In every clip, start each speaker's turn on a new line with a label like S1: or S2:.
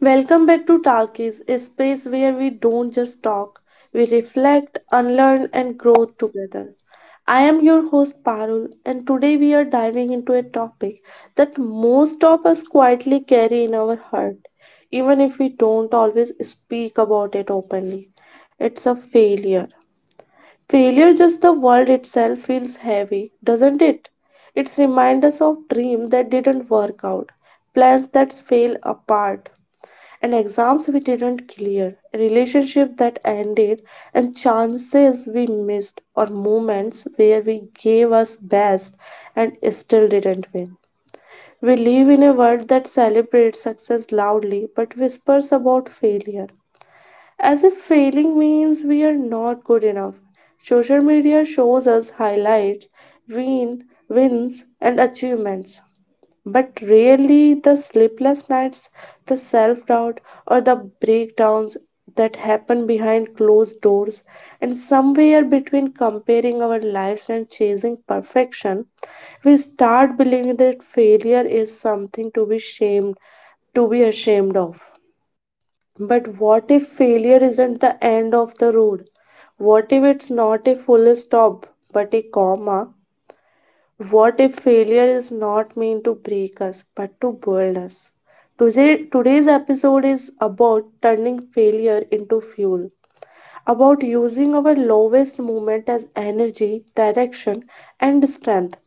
S1: Welcome back to Talkies, a space where we don't just talk, we reflect, unlearn, and grow together. I am your host Parul, and today we are diving into a topic that most of us quietly carry in our heart, even if we don't always speak about it openly. It's a failure. Failure, just the world itself, feels heavy, doesn't it? It's reminds us of dreams that didn't work out, plans that fell apart and exams we didn't clear, a relationship that ended, and chances we missed, or moments where we gave our best and still didn't win. We live in a world that celebrates success loudly but whispers about failure, as if failing means we are not good enough. Social media shows us highlights, win, wins, and achievements but really, the sleepless nights, the self doubt, or the breakdowns that happen behind closed doors, and somewhere between comparing our lives and chasing perfection, we start believing that failure is something to be shamed, to be ashamed of. But what if failure isn't the end of the road? What if it's not a full stop, but a comma? What if failure is not meant to break us but to build us? Today's episode is about turning failure into fuel, about using our lowest moment as energy, direction, and strength.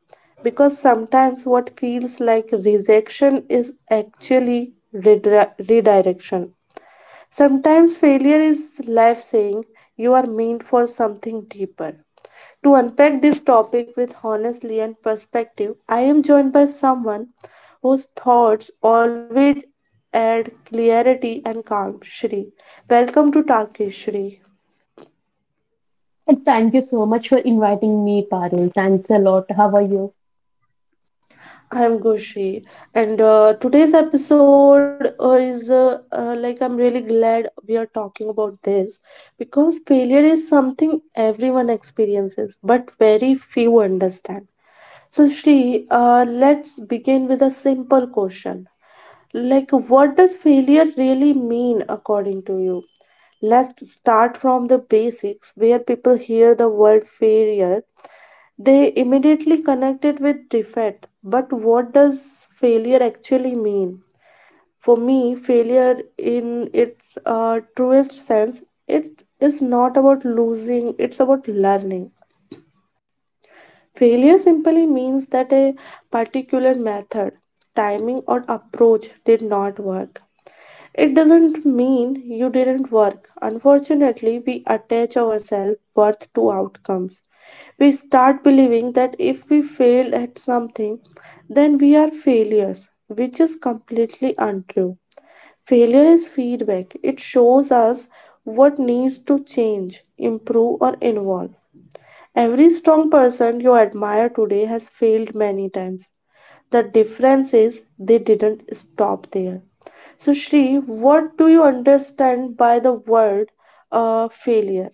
S1: Because sometimes what feels like rejection is actually redirection. Sometimes failure is life saying you are meant for something deeper. To unpack this topic with honestly and perspective, I am joined by someone whose thoughts always add clarity and calm. Shri, welcome to Talkish Shri.
S2: And thank you so much for inviting me, Parul. Thanks a lot. How are you?
S1: I am Gushi, and today's episode is like I'm really glad we are talking about this because failure is something everyone experiences, but very few understand. So, Shri, let's begin with a simple question. Like, what does failure really mean according to you? Let's start from the basics where people hear the word failure. They immediately connect it with defeat. But what does failure actually mean? For me, failure in its truest sense, it is not about losing, it's about learning. Failure simply means that a particular method, timing, or approach did not work. It doesn't mean you didn't work. Unfortunately, we attach ourselves worth to outcomes. We start believing that if we fail at something, then we are failures, which is completely untrue. Failure is feedback. It shows us what needs to change, improve, or evolve. Every strong person you admire today has failed many times. The difference is they didn't stop there. So, Shri, what do you understand by the word failure?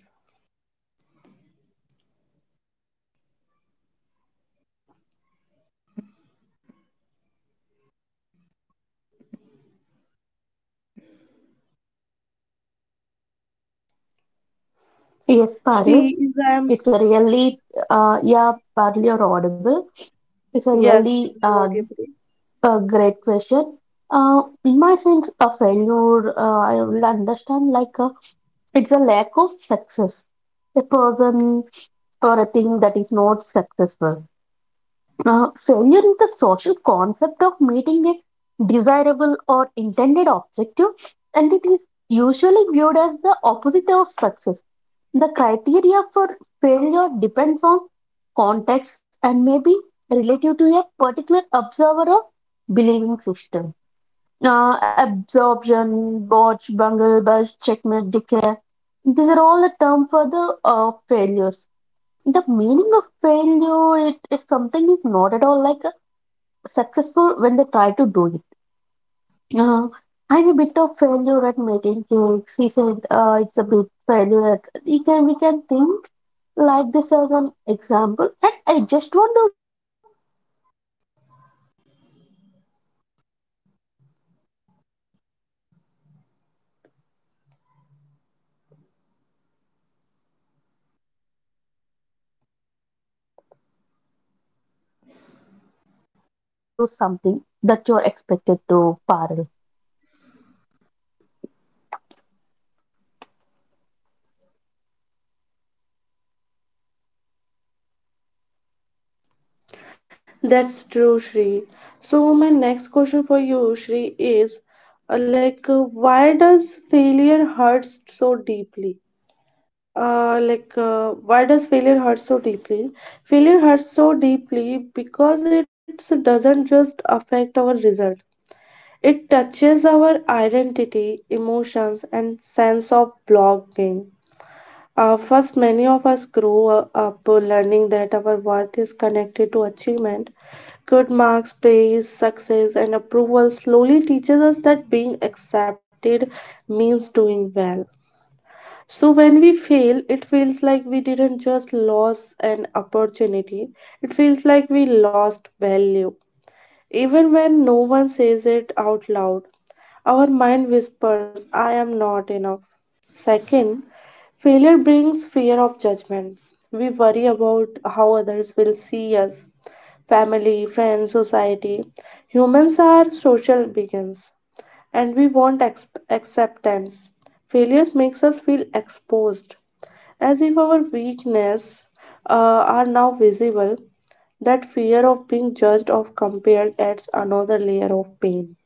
S2: Yes,
S1: Shri,
S2: Parul.
S1: is I am
S2: It's a really, yeah, Parul, you're audible. It's a
S1: yes,
S2: really
S1: you are audible.
S2: a great question. In my sense, a failure, I will understand it's a lack of success. A person or a thing that is not successful. Failure is the social concept of meeting a desirable or intended objective, and it is usually viewed as the opposite of success. The criteria for failure depends on context and may be relative to a particular observer or believing system. Absorption, botch, bungle, burst, checkmate, decay. These are all the term for the failures. The meaning of failure, it something is not at all like successful when they try to do it. Uh, I'm a bit of failure at making cakes. He said, it's a bit failure at. We can think like this as an example. And I just want to give an one example. If you experience failure, things have not gone the way you would hope. I'm sorry to hear that your attempt to turn into gold has been a failure. Failure can also mean when something suddenly stops working or when you don't do something that you're expected to, Parul.
S1: That's true, Shri. So, my next question for you, Shri, is why does failure hurt so deeply? Why does failure hurt so deeply? Failure hurts so deeply because it doesn't just affect our result, it touches our identity, emotions, and sense of belonging. First, many of us grow up learning that our worth is connected to achievement. Good marks, praise, success, and approval slowly teaches us that being accepted means doing well. So when we fail, it feels like we didn't just lose an opportunity. It feels like we lost value. Even when no one says it out loud, our mind whispers, I am not enough. Second, failure brings fear of judgment. We worry about how others will see us, family, friends, society. Humans are social beings and we want acceptance. Failures makes us feel exposed, as if our weakness are now visible. That fear of being judged or compared adds another layer of pain.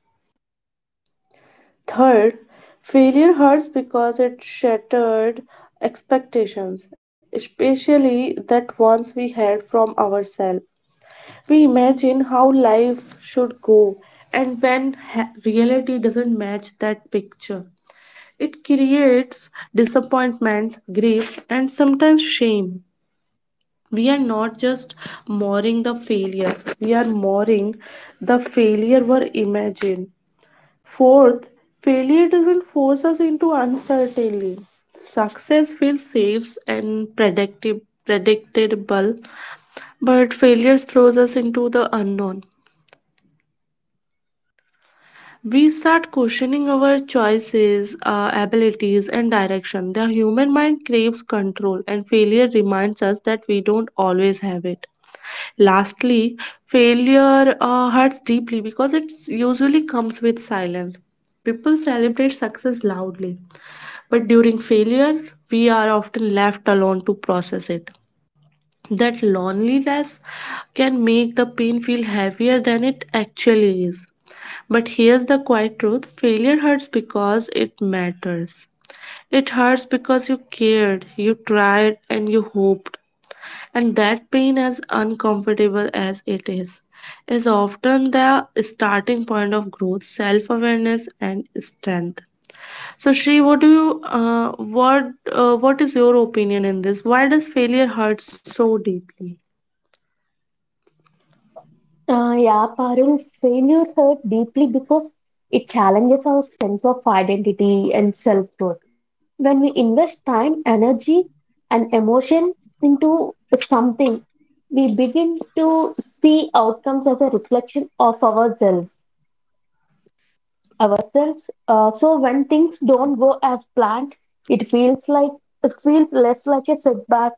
S1: Third, failure hurts because it shattered expectations, especially that ones we had from ourselves. We imagine how life should go, and when reality doesn't match that picture, it creates disappointment, grief, and sometimes shame. We are not just mourning the failure, we are mourning the failure we imagine. Fourth, failure doesn't force us into uncertainty. Success feels safe and predictable, but failure throws us into the unknown. We start questioning our choices, abilities, and direction. The human mind craves control and failure reminds us that we don't always have it. Lastly, failure hurts deeply because it usually comes with silence. People celebrate success loudly, but during failure, we are often left alone to process it. That loneliness can make the pain feel heavier than it actually is. But here's the quiet truth, failure hurts because it matters. It hurts because you cared, you tried, and you hoped. And that pain, as uncomfortable as it is often the starting point of growth, self awareness, and strength. So, Shri, what do you, what, what is your opinion in this? Why does failure hurt so deeply?
S2: Uh, yeah, Parul, failures hurt deeply because it challenges our sense of identity and self worth. When we invest time, energy, and emotion into something, we begin to see outcomes as a reflection of ourselves. So when things don't go as planned, it feels like it feels less like a setback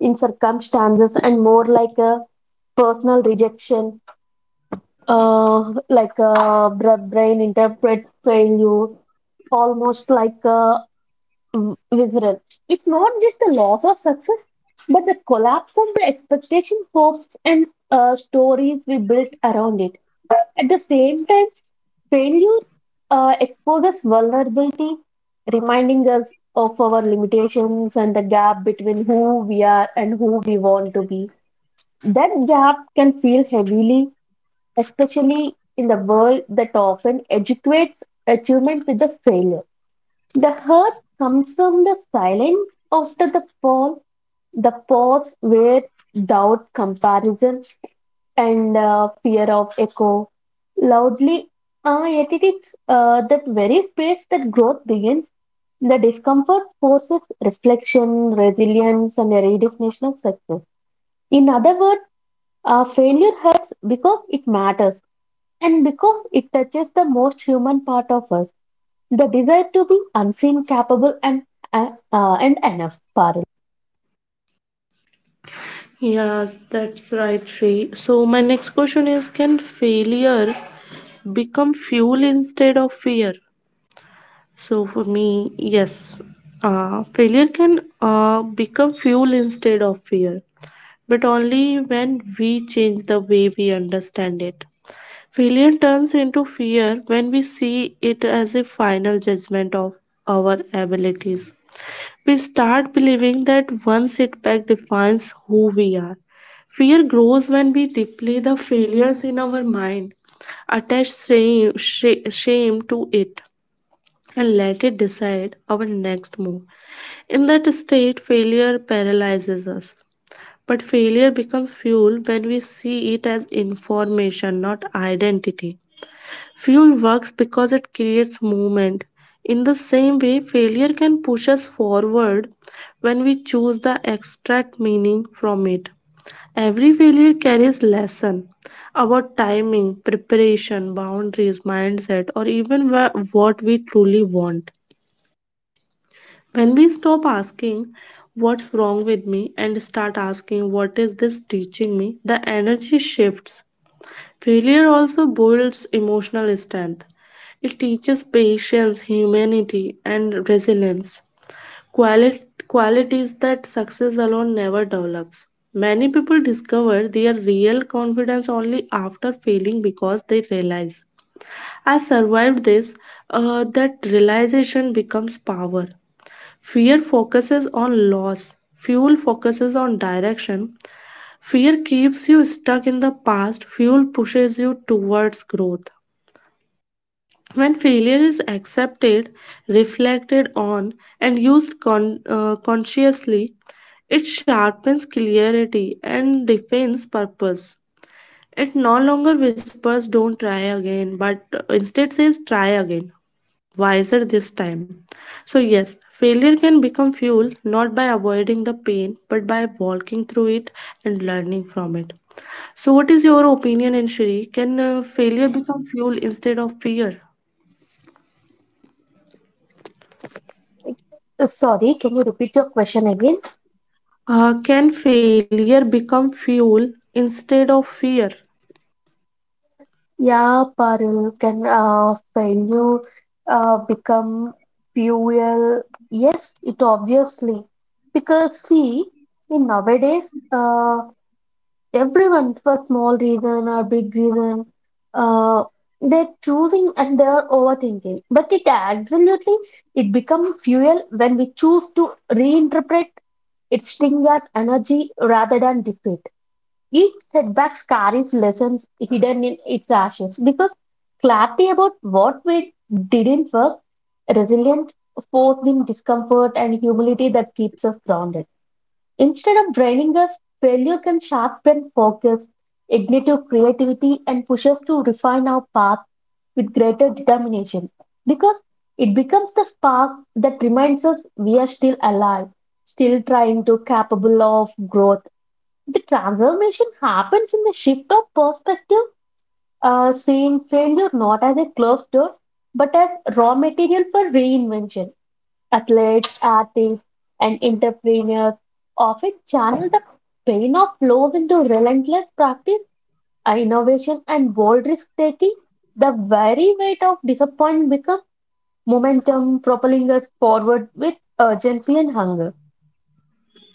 S2: in circumstances and more like a personal rejection. Like a brain interprets failure almost like a visceral. It's not just the loss of success, but the collapse of the expectation, hopes, and stories we built around it. At the same time failure exposes vulnerability, reminding us of our limitations and the gap between who we are and who we want to be. That gap can feel heavily, especially in the world that often educates achievement with a failure. The hurt comes from the silence after the fall, the pause where doubt, comparison, and fear of echo loudly. Yet it is that very space that growth begins. The discomfort forces reflection, resilience, and a redefinition of success. In other words, failure hurts because it matters and because it touches the most human part of us, the desire to be unseen, capable, and enough, Parul.
S1: Yes, that's right, Shri. So, my next question is, can failure become fuel instead of fear? So, for me, yes, failure can become fuel instead of fear, but only when we change the way we understand it. Failure turns into fear when we see it as a final judgment of our abilities. We start believing that one setback defines who we are. Fear grows when we replay the failures in our mind, attach shame, shame to it, and let it decide our next move. In that state, failure paralyzes us. But failure becomes fuel when we see it as information, not identity. Fuel works because it creates movement. In the same way, failure can push us forward when we choose the extract meaning from it. Every failure carries lesson about timing, preparation, boundaries, mindset, or even what we truly want. When we stop asking what's wrong with me and start asking what is this teaching me, the energy shifts. Failure also builds emotional strength. It teaches patience, humanity, and resilience. Qualities that success alone never develops. Many people discover their real confidence only after failing because they realize I survived this. That realization becomes power. Fear focuses on loss, fuel focuses on direction. Fear keeps you stuck in the past, fuel pushes you towards growth. When failure is accepted, reflected on, and used consciously, it sharpens clarity and defines purpose. It no longer whispers, Don't try again, but instead says, Try again wiser this time. So, yes, failure can become fuel not by avoiding the pain but by walking through it and learning from it. So, what is your opinion, Anshri? Can failure become fuel instead of fear?
S2: Sorry, can you repeat your question again?
S1: Can failure become fuel instead of fear?
S2: Yeah, Parul, can failure become fuel? Yes, it obviously. Because see, in nowadays, everyone for small reason or big reason, uh, they're choosing and they're overthinking. But it absolutely it become fuel when we choose to reinterpret its sting as energy rather than defeat. Each setback carries lessons hidden in its ashes because clarity about what we didn't work, resilience, force in discomfort and humility that keeps us grounded. Instead of draining us, failure can sharpen focus, ignite your creativity, and push us to refine our path with greater determination because it becomes the spark that reminds us we are still alive, still trying to capable of growth. The transformation happens in the shift of perspective, seeing failure not as a closed door, but as raw material for reinvention. Athletes, artists, and entrepreneurs often channel the pain of loss into relentless practice, innovation, and bold risk taking. The very weight of disappointment becomes momentum, propelling us forward with urgency and hunger.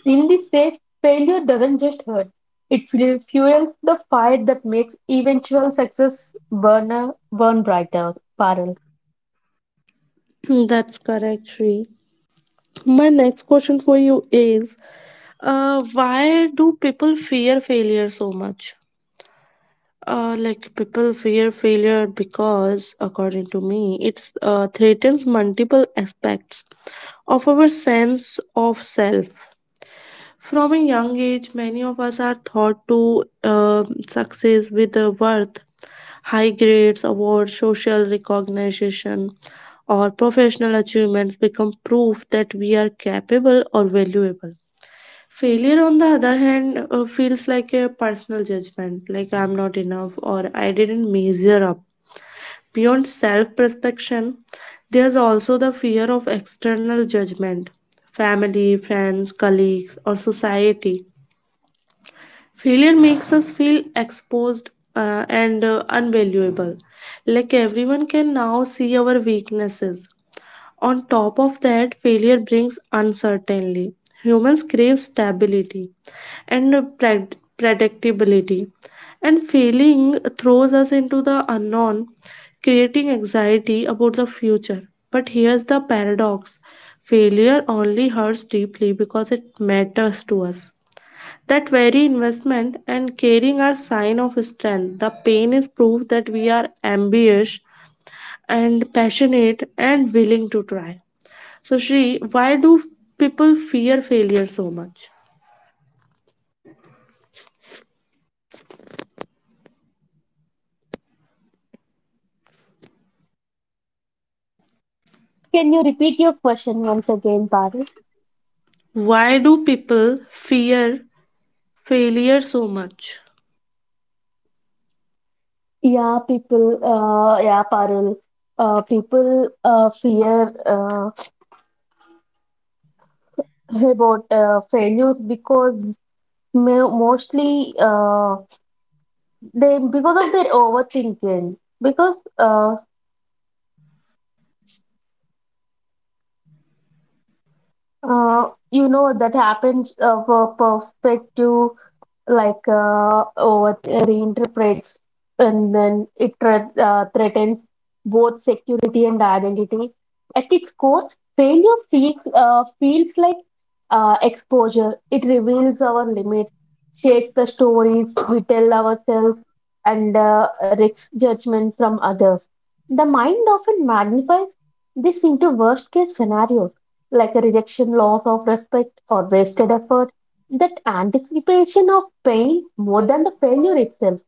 S2: In this way, failure doesn't just hurt, it fuels the fire that makes eventual success burn brighter. Parul.
S1: That's correct, Shri. My next question for you is, why do people fear failure so much? Like people fear failure because, according to me, it's threatens multiple aspects of our sense of self. From a young age, many of us are taught to success with worth, high grades, awards, social recognition, or professional achievements become proof that we are capable or valuable. Failure, on the other hand, feels like a personal judgment, like I'm not enough or I didn't measure up. Beyond self prospection, there's also the fear of external judgment, family, friends, colleagues, or society. Failure makes us feel exposed and unvaluable, like everyone can now see our weaknesses. On top of that, failure brings uncertainty. Humans crave stability and pre- predictability, and failing throws us into the unknown, creating anxiety about the future. But here's the paradox, failure only hurts deeply because it matters to us. That very investment and caring are sign of strength. The pain is proof that we are ambitious and passionate and willing to try. So, Shri, why do people fear failure so much?
S2: Can you repeat your question once again, Parul?
S1: Why do people fear failure so much?
S2: Yeah, Parul. People fear about failures because mostly they because of their overthinking. Because you know that happens for perspective over reinterprets and then it threatens both security and identity. At its core, failure feels like exposure. It reveals our limits, shakes the stories we tell ourselves, and risks judgment from others. The mind often magnifies this into worst case scenarios like a rejection, loss of respect, or wasted effort. That anticipation of pain more than the failure itself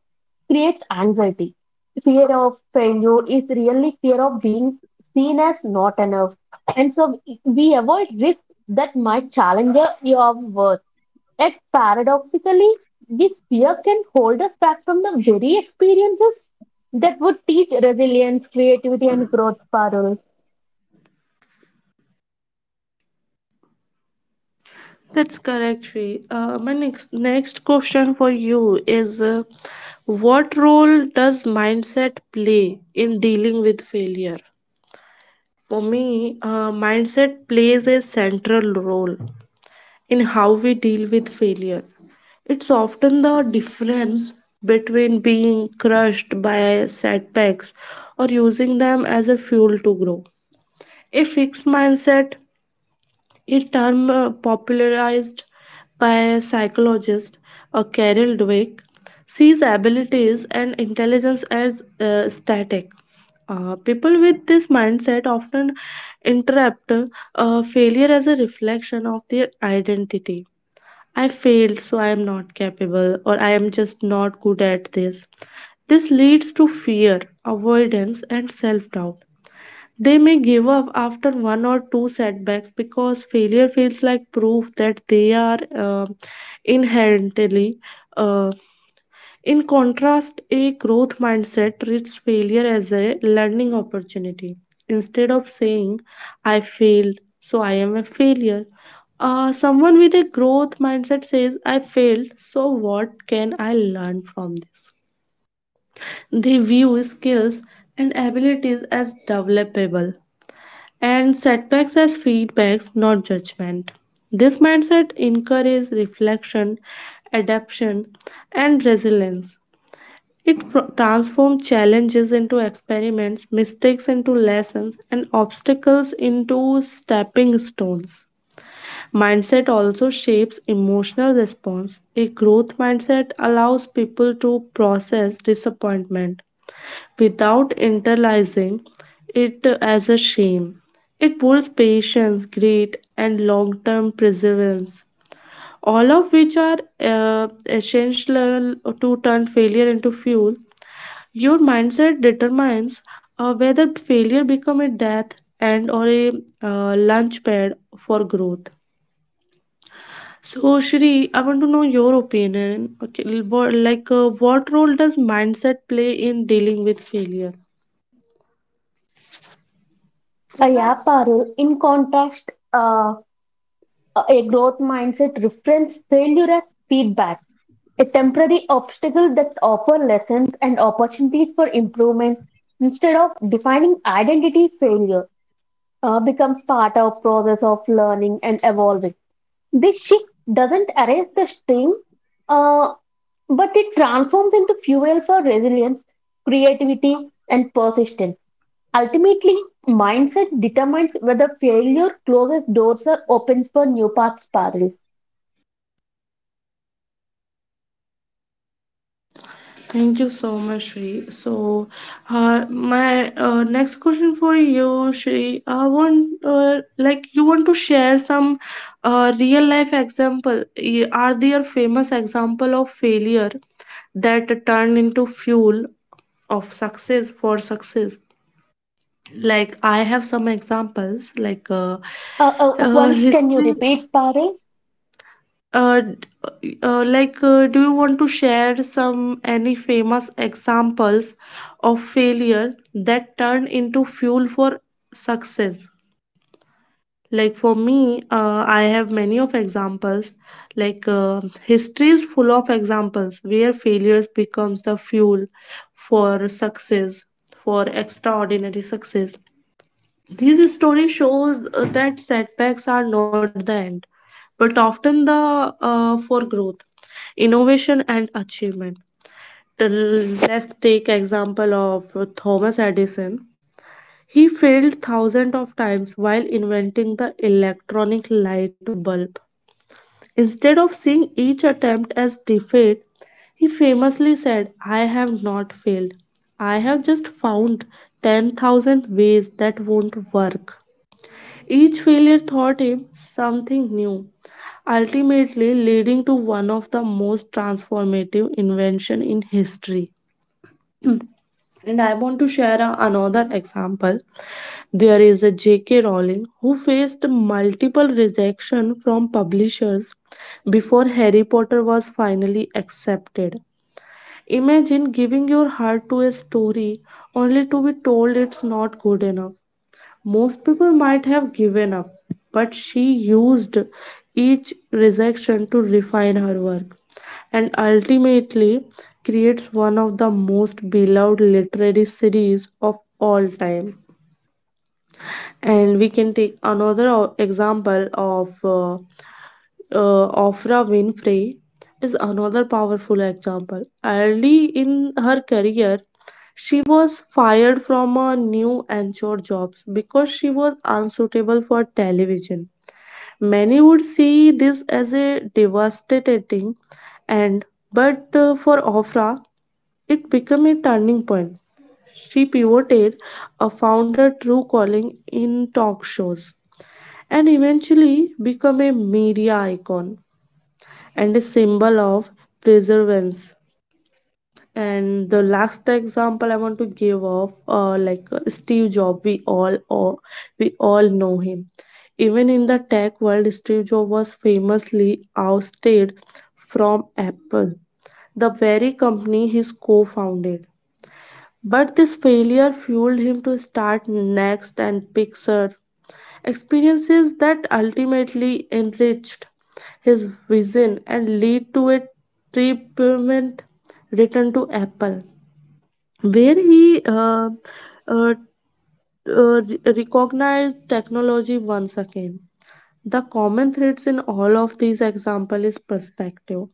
S2: creates anxiety. Fear of failure is really fear of being seen as not enough. And so we avoid risks that might challenge your worth. Yet paradoxically, this fear can hold us back from the very experiences that would teach resilience, creativity, and growth, Parul.
S1: That's correct, Shri. My next question for you is, what role does mindset play in dealing with failure? For me, mindset plays a central role in how we deal with failure. It's often the difference between being crushed by setbacks or using them as a fuel to grow. A fixed mindset, a term popularized by psychologist Carol Dweck, sees abilities and intelligence as static. People with this mindset often interpret failure as a reflection of their identity. I failed, so I am not capable, or I am just not good at this. This leads to fear, avoidance, and self doubt. They may give up after one or two setbacks because failure feels like proof that they are inherently uh, in contrast, a growth mindset treats failure as a learning opportunity. Instead of saying, I failed, so I am a failure, someone with a growth mindset says, I failed, so what can I learn from this? They view skills and abilities as developable and setbacks as
S2: Yeah,
S1: feedbacks,
S2: Parul,
S1: not
S2: the
S1: judgment.
S2: role
S1: This
S2: does
S1: mindset
S2: mindset play in
S1: encourages
S2: failure?
S1: reflection,
S2: It shapes us
S1: adaptation,
S2: how
S1: and
S2: we interpret
S1: resilience.
S2: and
S1: It
S2: respond to failure.
S1: transforms
S2: With a fixed
S1: challenges into
S2: mindset,
S1: experiments,
S2: failure
S1: mistakes into
S2: often feels
S1: lessons,
S2: like a
S1: and
S2: proof of
S1: obstacles
S2: inadequacy
S1: into
S2: and
S1: stepping stones.
S2: unchallengeable verdict on
S1: Mindset
S2: our
S1: also
S2: abilities.
S1: shapes emotional
S2: People may
S1: response. A
S2: avoid uh,
S1: growth mindset allows people to
S2: people may
S1: process
S2: avoid
S1: disappointment
S2: risks, fearing,
S1: without
S2: and that mistakes will
S1: internalizing
S2: expose them
S1: it
S2: as not
S1: as a
S2: good enough.
S1: shame.
S2: This
S1: It builds
S2: perspective
S1: patience,
S2: magnifies the
S1: grit, and
S2: pain of
S1: long term
S2: failure
S1: perseverance
S2: and can
S1: all
S2: trap
S1: of which are
S2: us.
S1: essential to turn failure into fuel. Your mindset determines whether failure become a death and or a launch pad for growth. So Shri, I want to know your opinion. Okay, what, what role does mindset play in dealing with failure?
S2: Yeah, Parul. In contrast, a growth mindset reframes failure as feedback, a temporary obstacle that offer lessons and opportunities for improvement instead of defining identity. Failure becomes part of process of learning and evolving. This shift doesn't erase the sting, uh, but it transforms into fuel for resilience, creativity, and persistence. Ultimately, mindset determines whether failure closes doors or opens for new paths, Parul.
S1: Thank you so much, Shri. So, my next question for you, Shri, I want like you want to share some real life example. Are there famous example of failure that turned into fuel of success for success? Like I have some examples,
S2: Once, can you
S1: history
S2: repeat, Parul?
S1: Do you want to share some any famous examples of failure that turn into fuel for success? Like for me, I have many of examples. History is full of examples where failures becomes the fuel for success, for extraordinary success. These stories shows that setbacks are not the end, but often the for growth, innovation, and achievement. Let's take example of Thomas Edison. He failed thousands of times while inventing the electronic light bulb. Instead of seeing each attempt as defeat, he famously said, I have not failed. I have just found 10,000 ways that won't work. Each failure taught him something new, ultimately leading to one of the most transformative invention in history. And I want to share another example. There is a J.K. Rowling who faced multiple rejection from publishers before Harry Potter was finally accepted. Imagine giving your heart to a story only to be told it's not good enough. Most people might have given up, but she used each rejection to refine her work and ultimately creates one of the most beloved literary series of all time. And we can take another example of Oprah Winfrey is another powerful example. Early in her career, she was fired from a new anchor jobs because she was unsuitable for television. Many would see this as a devastating end, but for Oprah, it became a turning point. She pivoted, found her true calling in talk shows, and eventually became a media icon and a symbol of perseverance. And the last example I want to give of Steve Jobs, we all know him. Even in the tech world, Steve Jobs was famously ousted from Apple, the very company he co-founded. But this failure fueled him to start Next and Pixar experiences that ultimately enriched his vision and lead to a treatment return to Apple, where he uh, recognized technology once again. The common threads in all of these examples is perspective.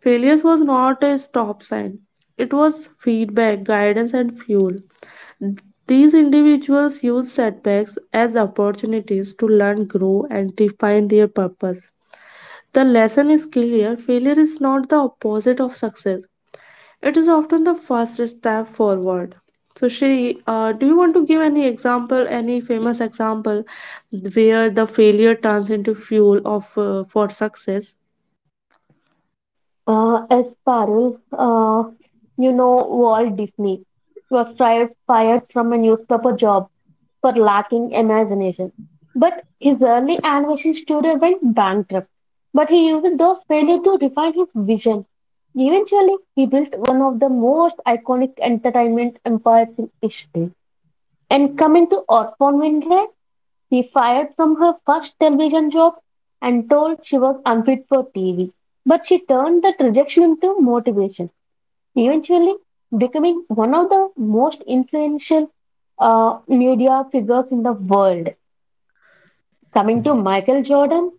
S1: Failures was not a stop sign. It was feedback, guidance, and fuel. These individuals use setbacks as opportunities to learn, grow, and define their purpose. The lesson is clear failure is not the opposite of success, it is often the first step forward. So, Shri, do you want to give any example, any famous example where the failure turns into fuel of for success?
S2: As Parul, you know Walt Disney was fired from a newspaper job for lacking imagination. But his early animation studio went bankrupt. But he used those failures to refine his vision. Eventually, he built one of the most iconic entertainment empires in history. And coming to Orphan Winfrey, she fired from her first television job and told she was unfit for TV. But she turned that rejection into motivation, eventually becoming one of the most influential media figures in the world. Coming to Michael Jordan,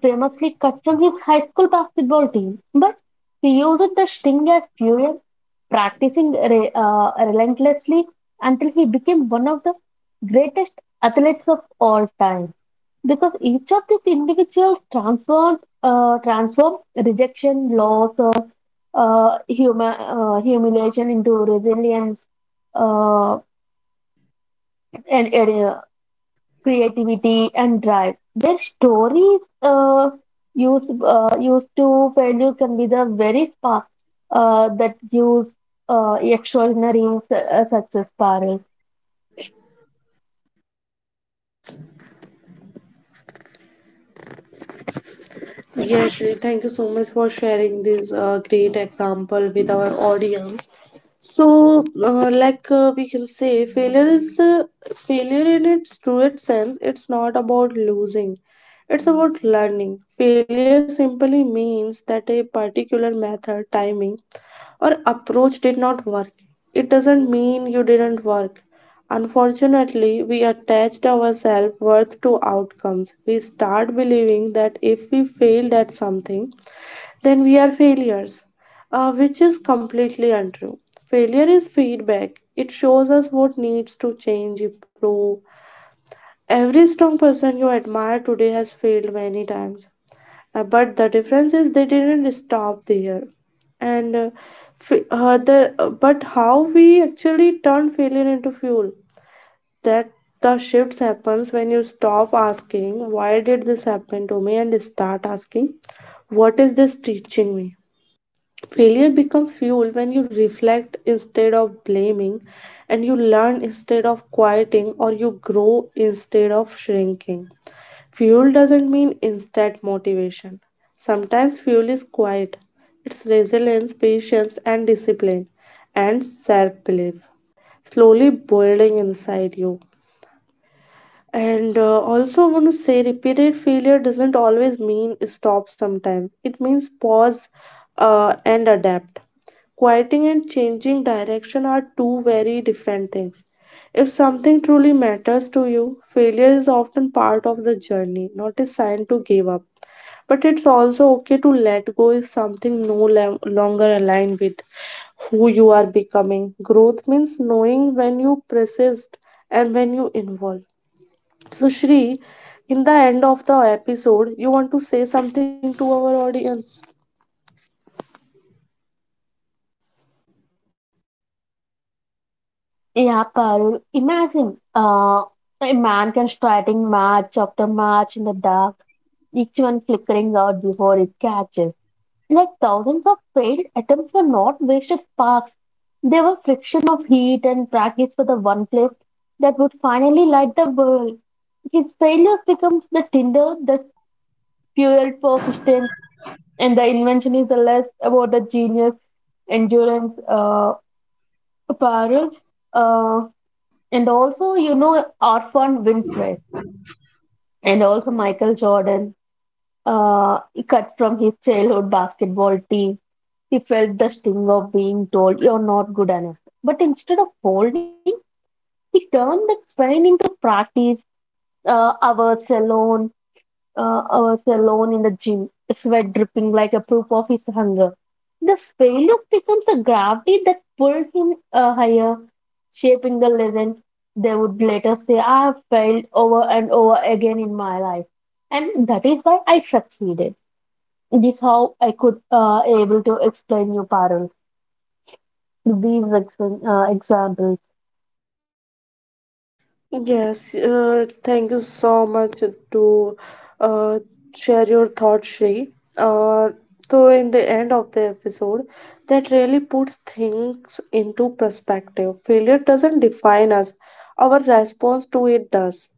S2: famously cut from his high school basketball team, but he used the sting as fuel practicing relentlessly until he became one of the greatest athletes of all time. Because each of these individuals transformed rejection, loss, humiliation into resilience uh, and creativity and drive. Their stories used to failure can be the very spark that gives extraordinary success, Parul,
S1: Yeah, actually, thank you so much for sharing this great example with our audience. So, we can say, failure in its truest sense. It's not about losing; it's about learning. Failure simply means that a particular method, timing, or approach did not work, it doesn't mean you didn't work. Unfortunately, we attached our self worth to outcomes. We start believing that if we failed at something, then we are failures, which is completely untrue. Failure is feedback, it shows us what needs to change, improve. Every strong person you admire today has failed many times. But the difference is they didn't stop there and f- the but how we actually turn failure into fuel that the shifts happens when you stop asking why did this happen to me and start asking what is this teaching me. Failure becomes fuel when you reflect instead of blaming, and you learn instead of quieting, or you grow instead of shrinking. Fuel doesn't mean instant motivation. Sometimes fuel is quiet, it's resilience, patience, and discipline, and self belief slowly building inside you. And also, I want to say repeated failure doesn't always mean stop sometimes, it means pause and adapt. Quieting and changing direction are two very different things. If something truly matters to you, failure is often part of the journey, not a sign to give up. But it's also okay to let go if something no longer aligns with who you are becoming. Growth means knowing when you persist and when you involve. So, Shri, in the end of the episode, you want to say something to our audience?
S2: yeah, Parul. Imagine a man can starting match after match in the dark, each one flickering out before it catches. Like thousands of failed attempts were not wasted sparks. They were friction of heat and practice for the one flame that would finally light the world. His failures becomes the tinder that fueled persistence, and the invention is the less about the genius, endurance, apparel, uh, and also you know Orphan Winfrey and also Michael Jordan. uh, Cut from his childhood basketball team. He felt the sting of being told, "You're not good enough." But instead of folding, he turned that pain into practice, uh, hours alone, hours alone in the gym, sweat dripping like a proof of his hunger. This failure becomes a gravity that pulled him higher, shaping the legend. They would later say, "I have failed over and over again in my life. And that is why I succeeded." This how I could able to explain you, Parul. Example.
S1: Yes, thank you so much to uh, share your thoughts, Shri. So, in the end of the episode, that really puts things into perspective. Failure doesn't define us, our response to it does.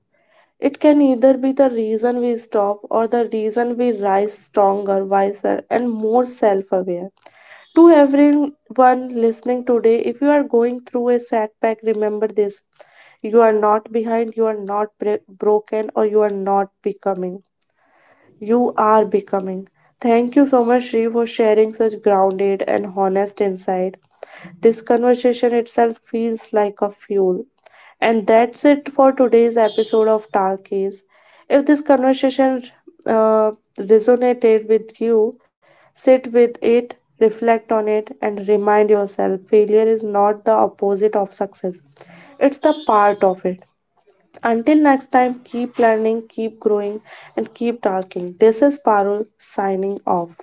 S1: It can either be the reason we stop or the reason we rise stronger, wiser, and more self aware. To everyone listening today, if you are going through a setback, remember this you are not behind, you are not broken, or you are not becoming. You are becoming. Thank you so much, Shri, for sharing such grounded and honest insight. This conversation itself feels like a fuel. And that's it for today's episode of Talkies. If this conversation uh, resonated with you, sit with it, reflect on it, and remind yourself failure is not the opposite of success, it's the part of it. Until next time, keep learning, keep growing, and keep talking. This is Parul signing off.